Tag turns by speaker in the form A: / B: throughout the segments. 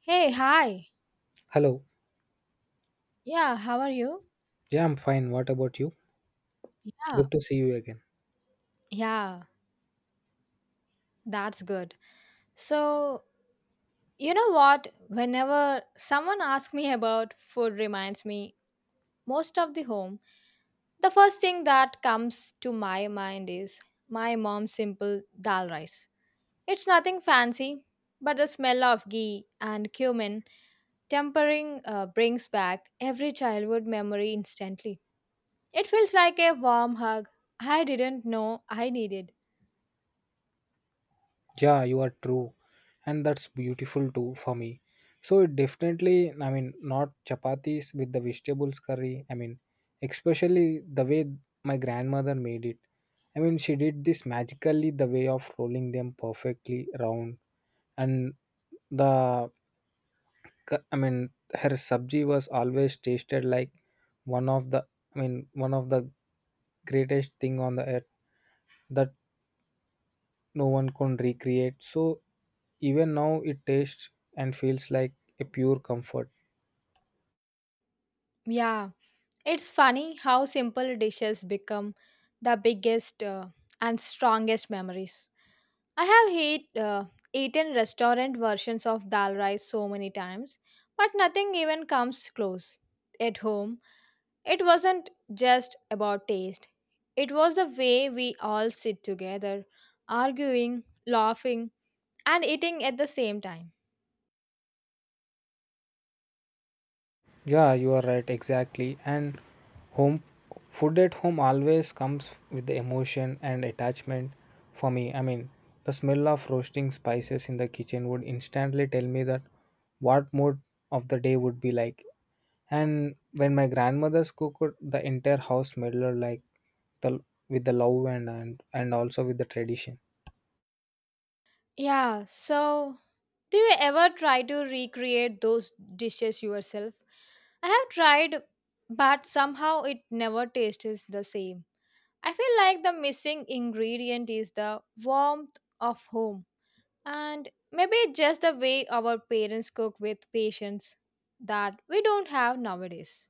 A: Hey, hi.
B: Hello.
A: Yeah, how are you?
B: Yeah, I'm fine. What about you?
A: Yeah,
B: Good to see you again.
A: yeah, that's good. So, you know what? Whenever someone asks me about food reminds me most of the home, the first thing that comes to my mind is my mom's simple dal rice. It's nothing fancy, but the smell of ghee and cumin tempering brings back every childhood memory instantly. It feels like a warm hug I didn't know I needed.
B: Yeah, you are true. And that's beautiful too for me. So it definitely, I mean, not chapatis with the vegetables curry. I mean, especially the way my grandmother made it. I mean, she did this magically the way of rolling them perfectly round and the I mean, her sabji was always tasted like one of the, I mean, one of the greatest thing on the earth that no one can recreate. So even now it tastes and feels like a pure comfort.
A: Yeah. It's funny how simple dishes become the biggest and strongest memories. I have eaten restaurant versions of dal rice so many times, but nothing even comes close. At home, it wasn't just about taste, it was the way we all sit together, arguing, laughing, and eating at the same time.
B: Yeah, you are right, exactly. And home food at home always comes with the emotion and attachment for me. I mean, the smell of roasting spices in the kitchen would instantly tell me that what mood of the day would be like. And when my grandmother's cooked, the entire house smelled like the with the love and also with the tradition.
A: Yeah, so do you ever try to recreate those dishes yourself? I have tried, but somehow it never tastes the same. I feel like the missing ingredient is the warmth of home, and maybe just the way our parents cook with patience that we don't have nowadays.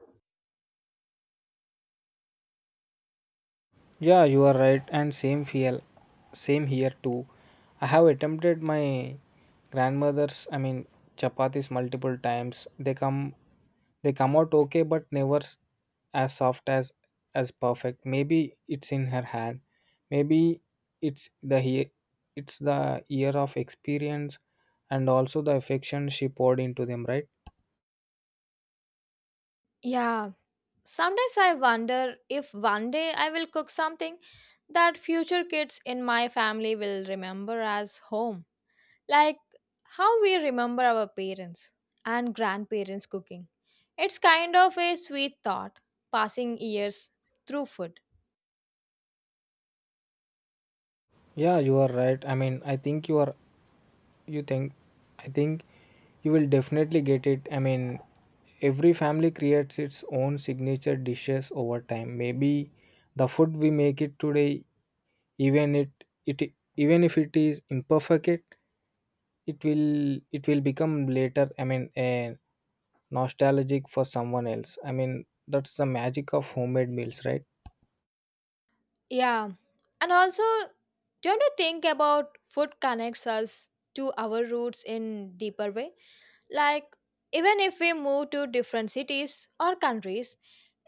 B: Yeah, you are right, and same feel, same here too. I have attempted my grandmother's, I mean, chapatis multiple times. They come out okay, but never as soft as perfect. Maybe it's in her hand. Maybe it's the he, it's the year of experience, and also the affection she poured into them. Right?
A: Yeah, sometimes I wonder if one day I will cook something that future kids in my family will remember as home. Like how we remember our parents and grandparents cooking. It's kind of a sweet thought, passing years through food.
B: Yeah, you are right. I mean, I think you are you think I think you will definitely get it. I mean, every family creates its own signature dishes over time. Maybe the food we make it today, even it it even if it is imperfect, it will become later, I mean, a nostalgic for someone else. I mean, that's the magic of homemade meals, right?
A: Yeah, and also, don't you think about food connects us to our roots in deeper way? Like, even if we move to different cities or countries,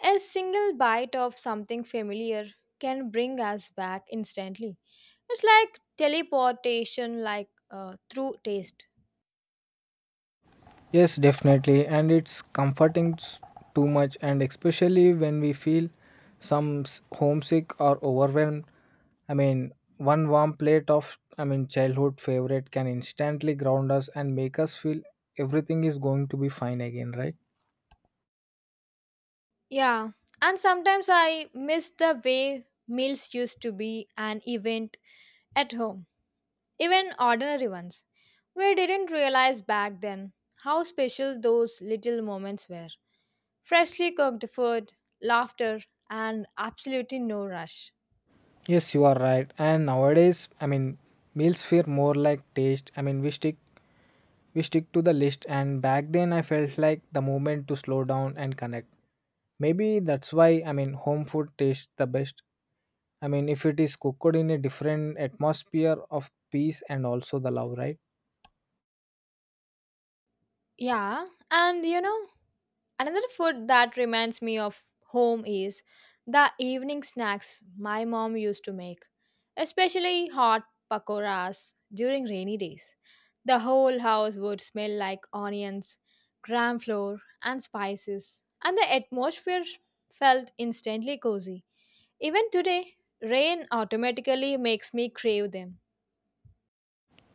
A: a single bite of something familiar can bring us back instantly. It's like teleportation, like through taste.
B: Yes, definitely. And it's comforting too much, and especially when we feel some homesick or overwhelmed. I mean, one warm plate of, I mean, childhood favorite can instantly ground us and make us feel everything is going to be fine again, right?
A: Yeah, and sometimes I miss the way meals used to be an event at home, even ordinary ones. We didn't realize back then how special those little moments were. Freshly cooked food, laughter, and absolutely no rush.
B: Yes, you are right. And nowadays, I mean, meals feel more like taste. I mean, we stick to the list. And back then, I felt like the moment to slow down and connect. Maybe that's why, I mean, home food tastes the best. I mean, if it is cooked in a different atmosphere of peace and also the love, right?
A: Yeah, and you know, another food that reminds me of home is the evening snacks my mom used to make, especially hot pakoras during rainy days. The whole house would smell like onions, gram flour, and spices, and the atmosphere felt instantly cozy. Even today, rain automatically makes me crave them.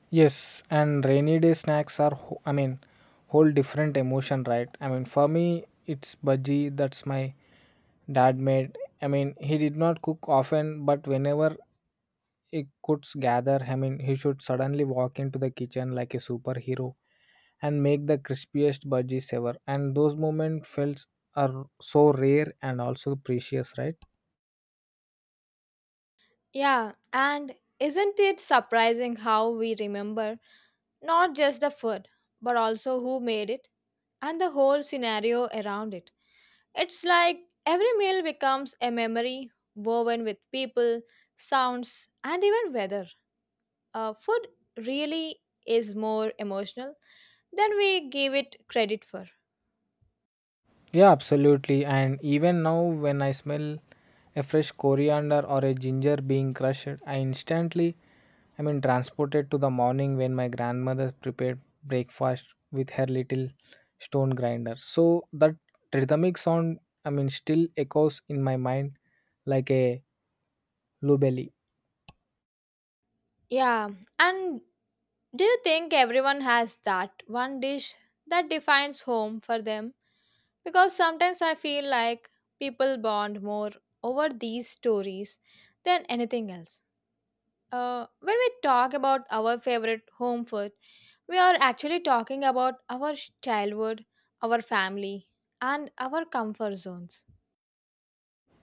B: Yes, and rainy day snacks are, I mean, whole different emotion, right? I mean, for me, it's bhaji that's my dad made. I mean, he did not cook often, but whenever he could gather, I mean, he should suddenly walk into the kitchen like a superhero and make the crispiest bhajis ever. And those moments felt are so rare and also precious, right?
A: Yeah, and isn't it surprising how we remember not just the food but also who made it? And the whole scenario around it. It's like every meal becomes a memory woven with people, sounds, and even weather. Food really is more emotional than we give it credit for.
B: Yeah, absolutely. And even now, when I smell a fresh coriander or a ginger being crushed, I instantly, I mean, transported to the morning when my grandmother prepared breakfast with her little stone grinder. So that rhythmic sound, I mean, still echoes in my mind like a lubelly.
A: Yeah, and do you think everyone has that one dish that defines home for them? Because sometimes I feel like people bond more over these stories than anything else. When we talk about our favorite home food, we are actually talking about our childhood, our family, and our comfort zones.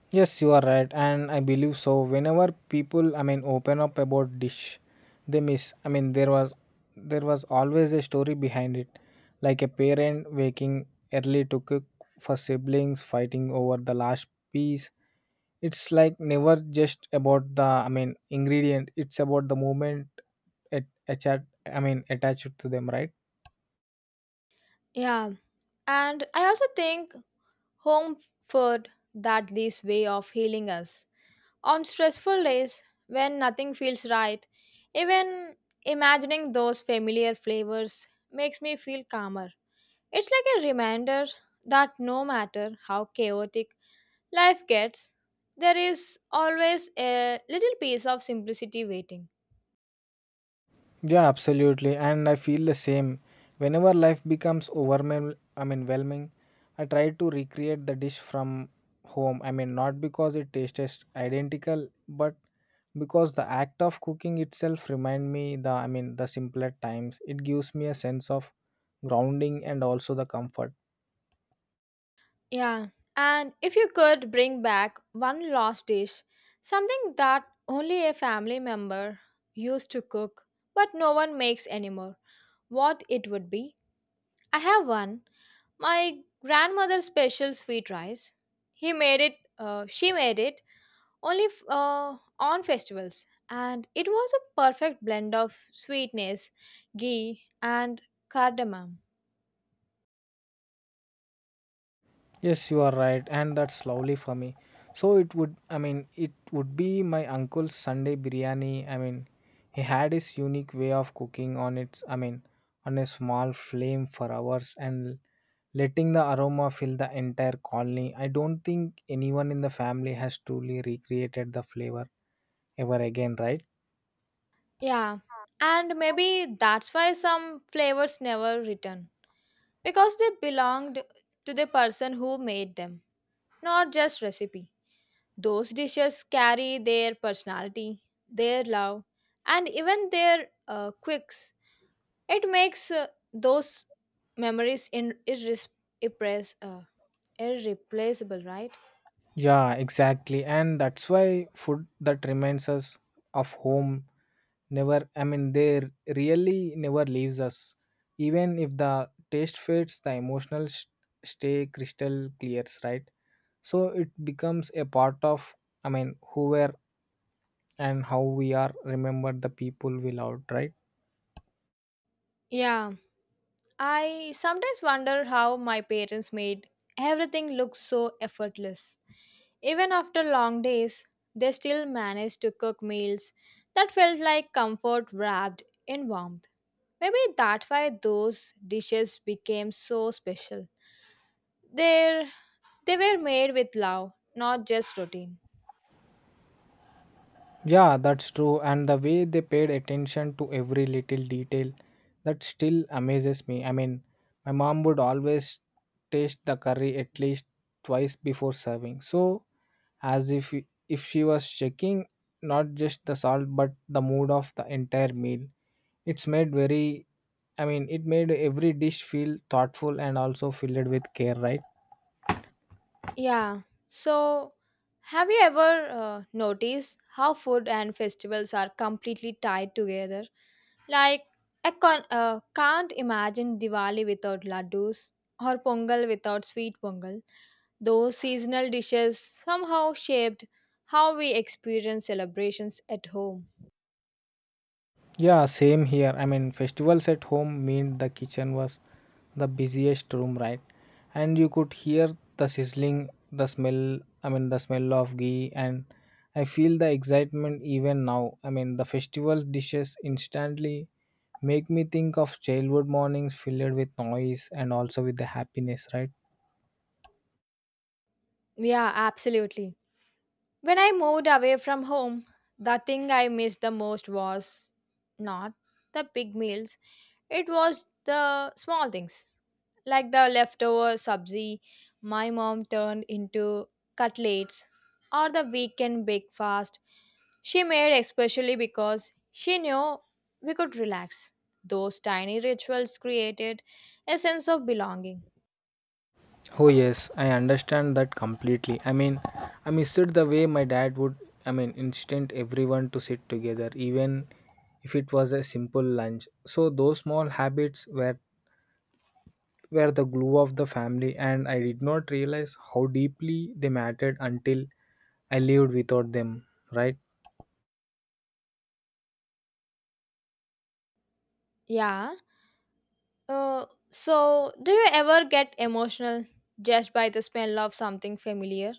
B: Yes, you are right, and I believe so. Whenever people, I mean, open up about dish, they miss. I mean, there was always a story behind it, like a parent waking early to cook for siblings fighting over the last piece. It's like never just about the, I mean, ingredient. It's about the moment it attached. I mean, attached to them, right?
A: Yeah, and I also think home food that this way of healing us. On stressful days when nothing feels right, even imagining those familiar flavors makes me feel calmer. It's like a reminder that no matter how chaotic life gets, there is always a little piece of simplicity waiting.
B: Yeah, absolutely. And I feel the same. Whenever life becomes overwhelming, I mean, whelming, I try to recreate the dish from home. I mean, not because it tastes identical, but because the act of cooking itself remind me the, I mean, the simpler times. It gives me a sense of grounding and also the comfort.
A: Yeah, and if you could bring back one lost dish, something that only a family member used to cook but no one makes anymore, what it would be? I have one. My grandmother's special sweet rice. She made it only on festivals and it was a perfect blend of sweetness ghee and cardamom.
B: Yes, you are right, and that's lovely for me. So it would, I mean, it would be my uncle's Sunday biryani. I mean, he had his unique way of cooking on its, I mean, on a small flame for hours and letting the aroma fill the entire colony. I don't think anyone in the family has truly recreated the flavor ever again, right?
A: Yeah, and maybe that's why some flavors never return because they belonged to the person who made them, not just recipe. Those dishes carry their personality, their love, and even their quirks. It makes those memories irres- uh, irreplaceable, right?
B: Yeah, exactly. And that's why food that reminds us of home never, I mean, they really never leaves us. Even if the taste fades, the emotional stay crystal clears, right? So it becomes a part of, I mean, who were and how we are remembered, the people we loved, right?
A: Yeah. I sometimes wonder how my parents made everything look so effortless. Even after long days, they still managed to cook meals that felt like comfort wrapped in warmth. Maybe that's why those dishes became so special. They're, they were made with love, not just routine.
B: Yeah, that's true. And the way they paid attention to every little detail, that still amazes me. I mean, my mom would always taste the curry at least twice before serving, so as if she was checking not just the salt but the mood of the entire meal. It's made very, I mean, it made every dish feel thoughtful and also filled with care, right?
A: Yeah. So, have you ever noticed how food and festivals are completely tied together? Like, I can't imagine Diwali without laddus or pongal without sweet pongal. Those seasonal dishes somehow shaped how we experience celebrations at home.
B: Yeah, same here. I mean, festivals at home meant the kitchen was the busiest room, right? And you could hear the sizzling, the smell, I mean, the smell of ghee, and I feel the excitement even now. I mean, the festival dishes instantly make me think of childhood mornings filled with noise and also with the happiness, right?
A: Yeah, absolutely. When I moved away from home, the thing I missed the most was not the big meals. It was the small things, like the leftover sabzi my mom turned into cutlets, or the weekend breakfast she made especially because she knew we could relax. Those tiny rituals created a sense of belonging.
B: Oh yes, I understand that completely. I mean, I miss it the way my dad would. I mean, instant everyone to sit together, even if it was a simple lunch. So those small habits were the glue of the family, and I did not realize how deeply they mattered until I lived without them. Right?
A: Yeah, so, do you ever get emotional just by the smell of something familiar,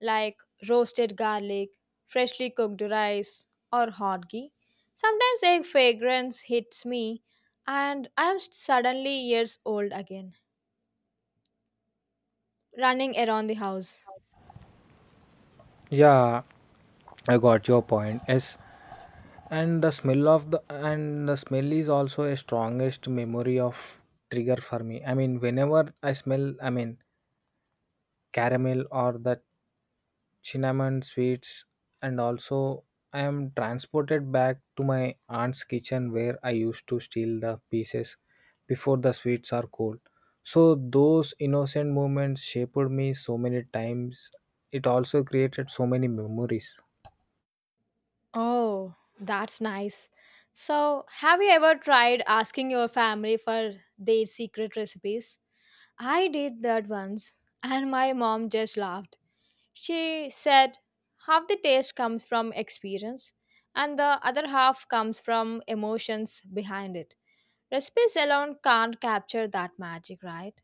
A: like roasted garlic, freshly cooked rice, or hot ghee? Sometimes a fragrance hits me, and I am suddenly years old again, running around the house.
B: Yeah, I got your point. Yes, and the smell of the and the smell is also a strongest memory of trigger for me. I mean, whenever I smell, I mean, caramel or the cinnamon sweets and also I am transported back to my aunt's kitchen where I used to steal the pieces before the sweets are cold. So those innocent moments shaped me so many times. It also created so many memories.
A: Oh, that's nice. So, have you ever tried asking your family for their secret recipes? I did that once, and my mom just laughed. She said, half the taste comes from experience and the other half comes from emotions behind it. Recipes alone can't capture that magic, right?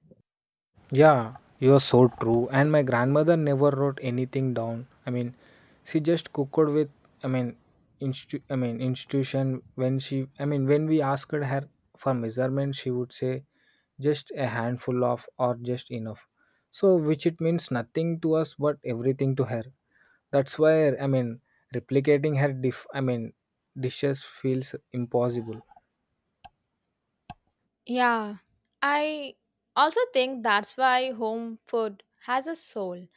B: Yeah, you are so true. And my grandmother never wrote anything down. I mean, she just cooked with. I mean, I mean, institution. When she, I mean, when we asked her for measurement, she would say, just a handful of or just enough. So, which it means nothing to us, but everything to her. That's why, I mean, replicating her dif. I mean, dishes feels impossible.
A: Yeah. I also think that's why home food has a soul.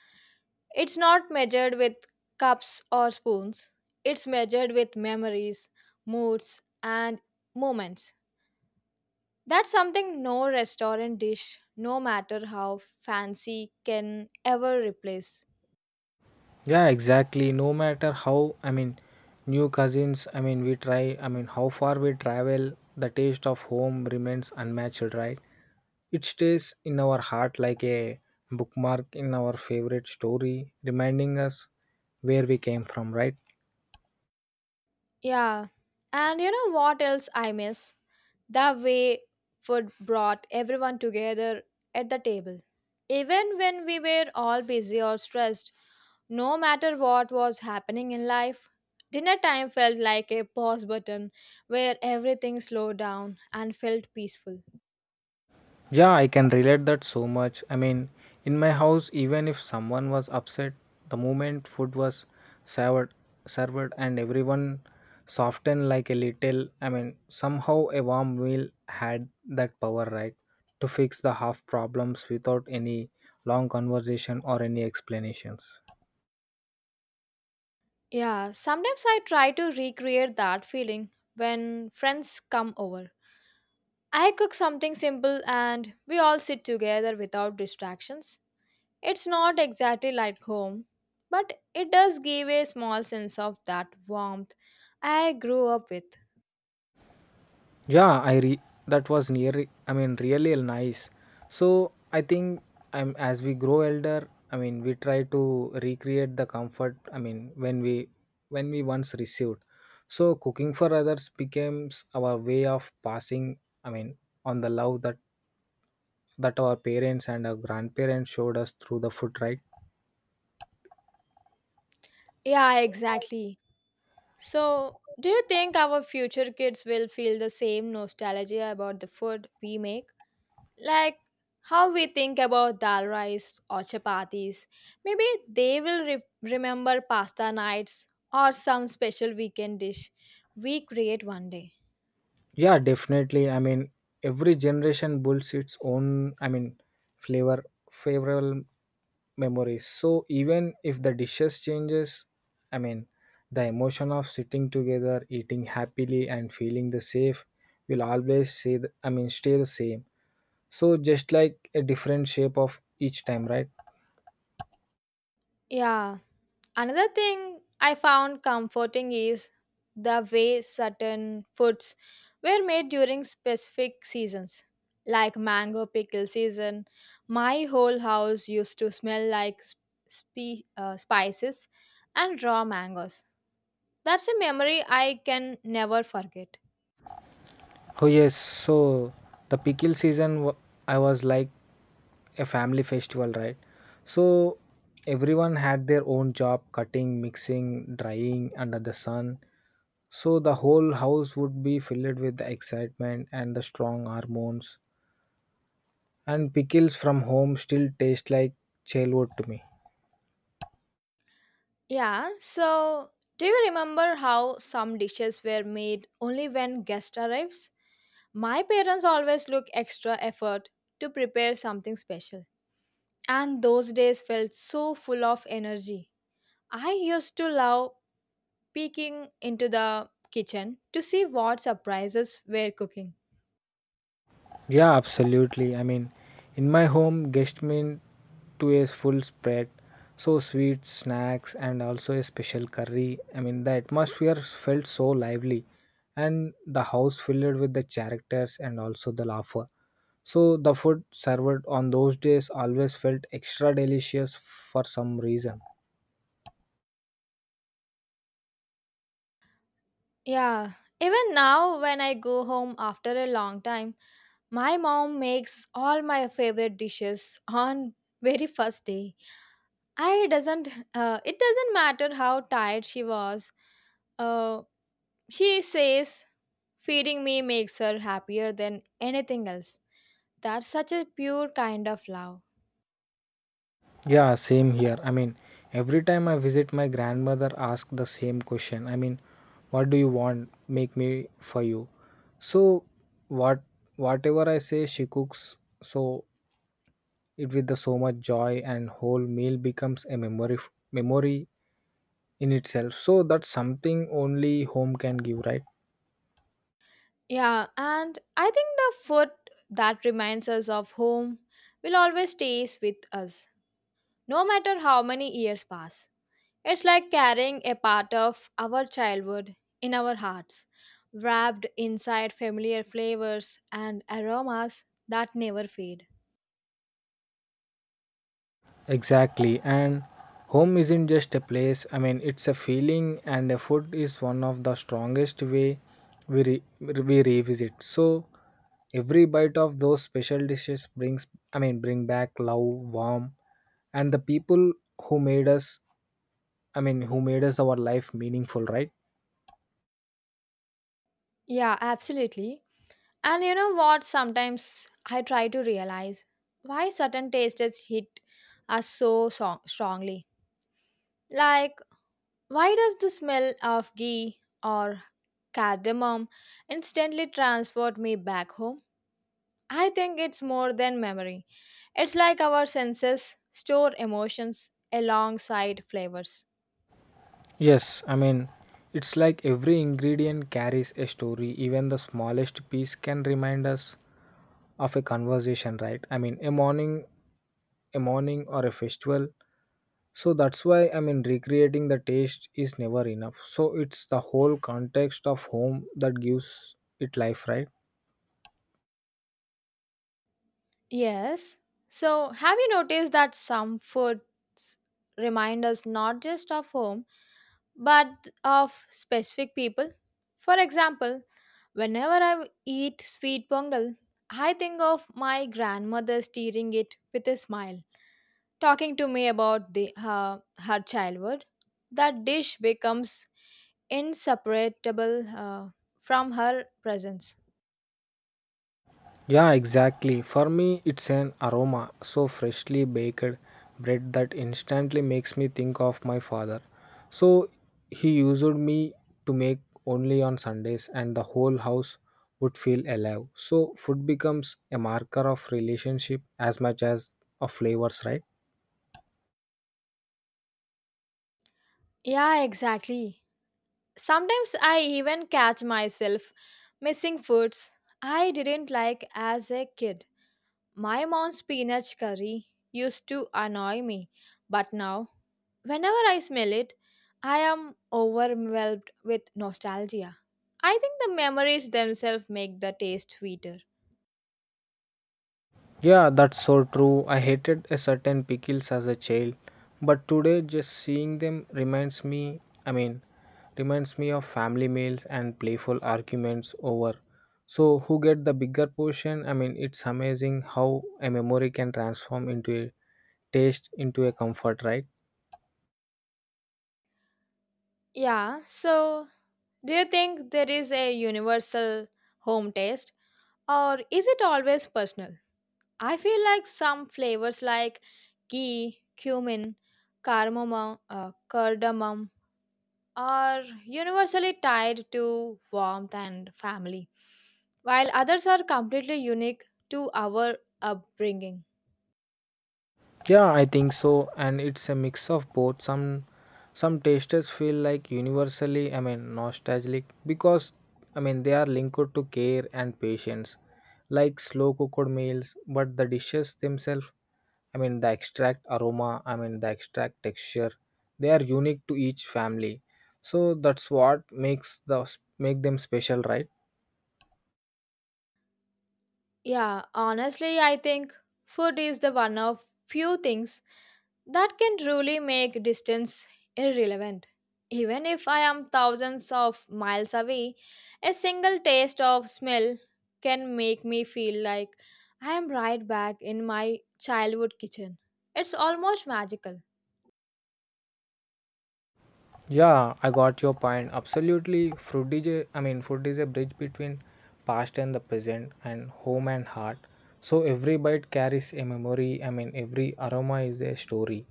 A: It's not measured with cups or spoons, it's measured with memories, moods, and moments. That's something no restaurant dish, no matter how fancy, can ever replace.
B: Yeah, exactly. No matter how, I mean, new cousins, I mean, we try, I mean, how far we travel, the taste of home remains unmatched, right? It stays in our heart like a bookmark in our favorite story, reminding us where we came from, right?
A: Yeah. And you know what else I miss? The way food brought everyone together at the table. Even when we were all busy or stressed, no matter what was happening in life, dinner time felt like a pause button where everything slowed down and felt peaceful.
B: Yeah, I can relate that so much. I mean, in my house, even if someone was upset, the moment food was served, served, and everyone softened like a little, I mean, somehow a warm meal had that power, right, to fix the half problems without any long conversation or any explanations.
A: Yeah, sometimes I try to recreate that feeling when friends come over. I cook something simple and we all sit together without distractions. It's not exactly like home, but it does give a small sense of that warmth I grew up with.
B: Yeah, that was nearly, I mean, really nice. So I think I'm as we grow elder, I mean, we try to recreate the comfort, I mean, when we once received. So cooking for others becomes our way of passing, I mean, on the love that our parents and our grandparents showed us through the food, right?
A: Yeah, exactly. So, do you think our future kids will feel the same nostalgia about the food we make? Like how we think about dal rice or chapatis. Maybe they will remember pasta nights or some special weekend dish we create one day.
B: Yeah, definitely. I mean, every generation builds its own, I mean, flavor, favorable memories. So even if the dishes changes, I mean, the emotion of sitting together, eating happily, and feeling the safe will always say, the, I mean, stay the same. So just like a different shape of each time, right?
A: Yeah, another thing I found comforting is the way certain foods were made during specific seasons. Like mango pickle season, my whole house used to smell like spices and raw mangoes. That's a memory I can never forget.
B: Oh yes. So the pickle season, I was like a family festival, right? So everyone had their own job cutting, mixing, drying under the sun. So the whole house would be filled with the excitement and the strong hormones. And pickles from home still taste like childhood to me.
A: Yeah, so do you remember how some dishes were made only when guest arrives? My parents always look extra effort to prepare something special, and those days felt so full of energy. I used to love peeking into the kitchen to see what surprises were cooking.
B: Yeah, absolutely. I mean, in my home, guests mean to a full spread, so sweets, snacks, and also a special curry. I mean, the atmosphere felt so lively, and the house filled with the characters and also the laughter. So the food served on those days always felt extra delicious for some reason.
A: Yeah, even now when I go home after a long time, my mom makes all my favorite dishes on very first day. I doesn't it doesn't matter how tired she was. Uh, she says feeding me makes her happier than anything else. That's such a pure kind of love.
B: Yeah, same here. I mean, every time I visit my grandmother ask the same question. I mean, what do you want? Make me for you. So what whatever I say she cooks, so it with the so much joy and whole meal becomes a memory in itself. So that's something only home can give, right?
A: Yeah, and I think the food that reminds us of home will always stays with us no matter how many years pass. It's like carrying a part of our childhood in our hearts, wrapped inside familiar flavors and aromas that never fade.
B: Exactly. And home isn't just a place. I mean, it's a feeling, and a food is one of the strongest way we revisit. So every bite of those special dishes brings, I mean, bring back love, warm, and the people who made us. I mean, who made us our life meaningful, right?
A: Yeah, absolutely. And you know what? Sometimes I try to realize why certain tastes hit us strongly. Like, why does the smell of ghee or cardamom instantly transport me back home? I think it's more than memory. It's like our senses store emotions alongside flavors.
B: Yes, I mean, it's like every ingredient carries a story. Even the smallest piece can remind us of a conversation, right? I mean, a morning or a festival. So that's why, I mean, recreating the taste is never enough. So it's the whole context of home that gives it life, right?
A: Yes. So, have you noticed that some foods remind us not just of home, but of specific people? For example, whenever I eat sweet pongal, I think of my grandmother stirring it with a smile. Talking to me about her childhood. That dish becomes inseparable from her presence.
B: Yeah, exactly. For me, it's an aroma so freshly baked bread that instantly makes me think of my father. So he used me to make only on Sundays, and the whole house would feel alive. So food becomes a marker of relationship as much as of flavors, right?
A: Yeah, exactly. Sometimes I even catch myself missing foods I didn't like as a kid. My mom's peanut curry used to annoy me, but now, whenever I smell it, I am overwhelmed with nostalgia. I think the memories themselves make the taste sweeter.
B: Yeah, that's so true. I hated a certain pickles as a child, but today just seeing them I mean, reminds me of family meals and playful arguments over so who get the bigger portion. I mean, it's amazing how a memory can transform into a taste into a comfort, right?
A: Yeah, so do you think there is a universal home taste or is it always personal? I feel like some flavors like ghee, cumin, cardamom are universally tied to warmth and family, while others are completely unique to our upbringing.
B: Yeah, I think so, and it's a mix of both. Some tasters feel like universally, I mean, nostalgic because I mean they are linked to care and patience, like slow cooked meals. But the dishes themselves, I mean, the extract aroma, I mean, the extract texture, they are unique to each family. So that's what makes the make them special, right?
A: Yeah, honestly, I think food is the one of few things that can truly make distance irrelevant. Even if I am thousands of miles away, a single taste of smell can make me feel like I am right back in my childhood kitchen. It's almost magical.
B: Yeah, I got your point. Absolutely. Food is a—I mean, food is a bridge between past and the present and home and heart. So every bite carries a memory. I mean, every aroma is a story.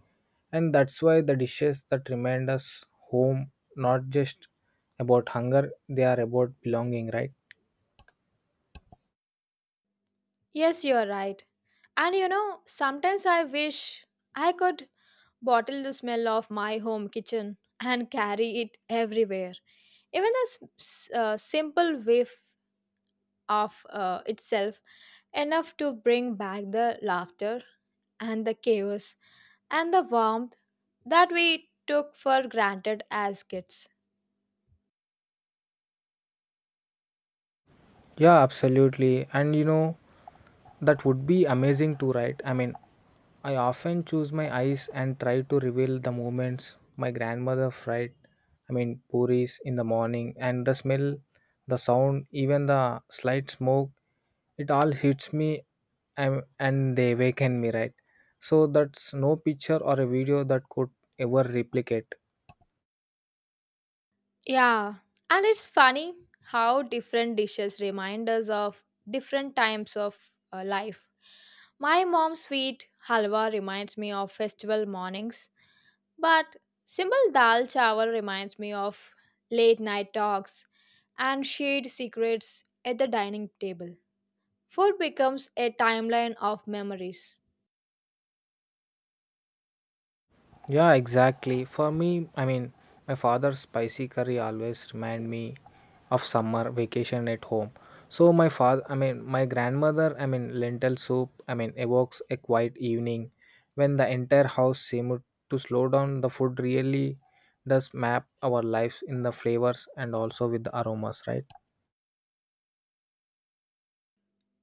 B: And that's why the dishes that remind us home, not just about hunger, they are about belonging, right?
A: Yes, you're right. And you know, sometimes I wish I could bottle the smell of my home kitchen and carry it everywhere. Even the simple whiff of itself enough to bring back the laughter and the chaos and the warmth that we took for granted as kids.
B: Yeah, absolutely. And you know, that would be amazing too, right? I mean, I often choose my eyes and try to reveal the moments my grandmother fried, I mean, puris in the morning, and the smell, the sound, even the slight smoke, it all hits me and they awaken me, right? So, that's no picture or a video that could ever replicate.
A: Yeah, and it's funny how different dishes remind us of different times of life. My mom's sweet halwa reminds me of festival mornings, but simple dal chawal reminds me of late night talks and shared secrets at the dining table. Food becomes a timeline of memories.
B: Yeah, exactly. For me, I mean, my father's spicy curry always remind me of summer vacation at home. So my father, I mean, my grandmother, I mean, lentil soup, I mean, evokes a quiet evening when the entire house seemed to slow down. The food really does map our lives in the flavors and also with the aromas, right?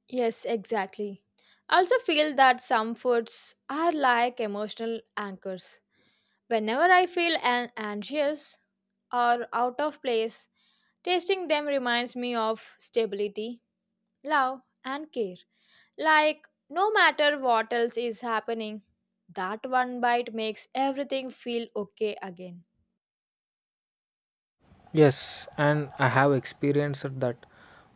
A: Yes, exactly. I also feel that some foods are like emotional anchors. Whenever I feel anxious or out of place, tasting them reminds me of stability, love, and care. Like, no matter what else is happening, that one bite makes everything feel okay again.
B: Yes, and I have experienced that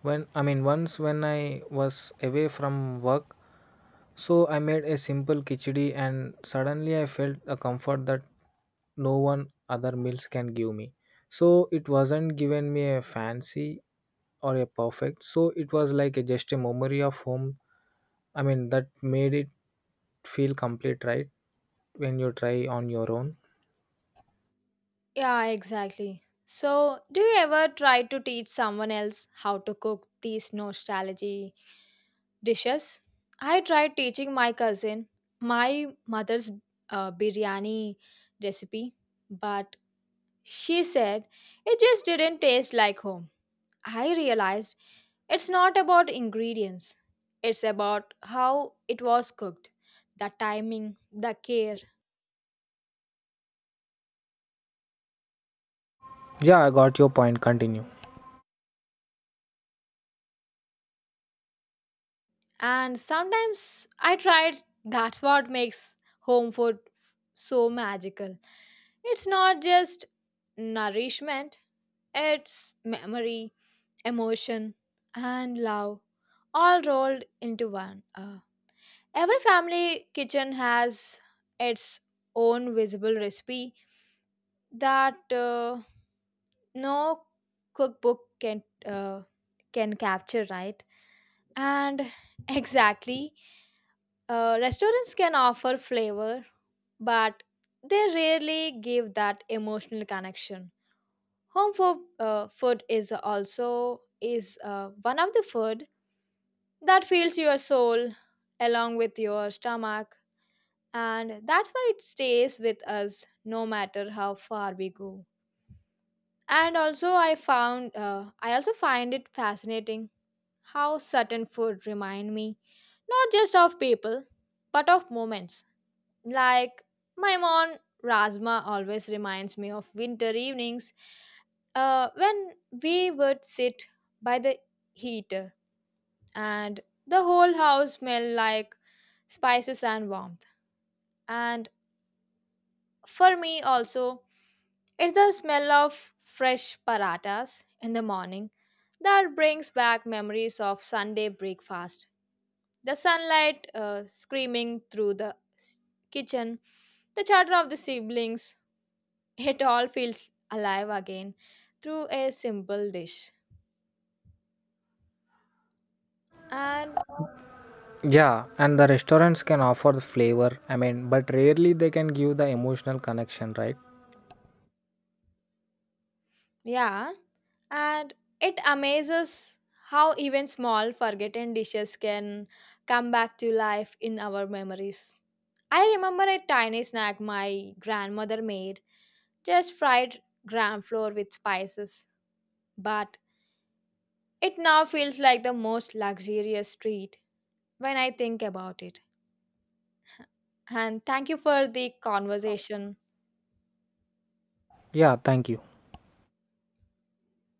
B: when I mean once when I was away from work. So I made a simple khichdi and suddenly I felt a comfort that no one other meals can give me. So it wasn't given me a fancy or a perfect. So it was like a, just a memory of home. I mean that made it feel complete, right? When you try on your own.
A: Yeah, exactly. So, do you ever try to teach someone else how to cook these nostalgia dishes? I tried teaching my cousin my mother's biryani recipe, but she said it just didn't taste like home. I realized it's not about ingredients, it's about how it was cooked, the timing, the care.
B: Yeah, I got your point. Continue.
A: And sometimes I tried, that's what makes home food so magical. It's not just nourishment, it's memory, emotion, and love all rolled into one. Every family kitchen has its own visible recipe that no cookbook can capture, right? And exactly. Restaurants can offer flavor, but they rarely give that emotional connection. Home for, food is also is one of the food that fills your soul along with your stomach, and that's why it stays with us no matter how far we go. And also, I also find it fascinating how certain food remind me not just of people but of moments. Like my mom Razma always reminds me of winter evenings when we would sit by the heater and the whole house smelled like spices and warmth. And for me also, it's the smell of fresh paratas in the morning that brings back memories of Sunday breakfast. The sunlight screaming through the kitchen, the chatter of the siblings, it all feels alive again through a simple dish. And
B: Yeah, and the restaurants can offer the flavor. I mean, but rarely they can give the emotional connection, right?
A: yeah, and it amazes how even small forgotten dishes can come back to life in our memories. I remember a tiny snack my grandmother made, just fried gram flour with spices, but it now feels like the most luxurious treat when I think about it. And thank you for the conversation.
B: Yeah, thank you.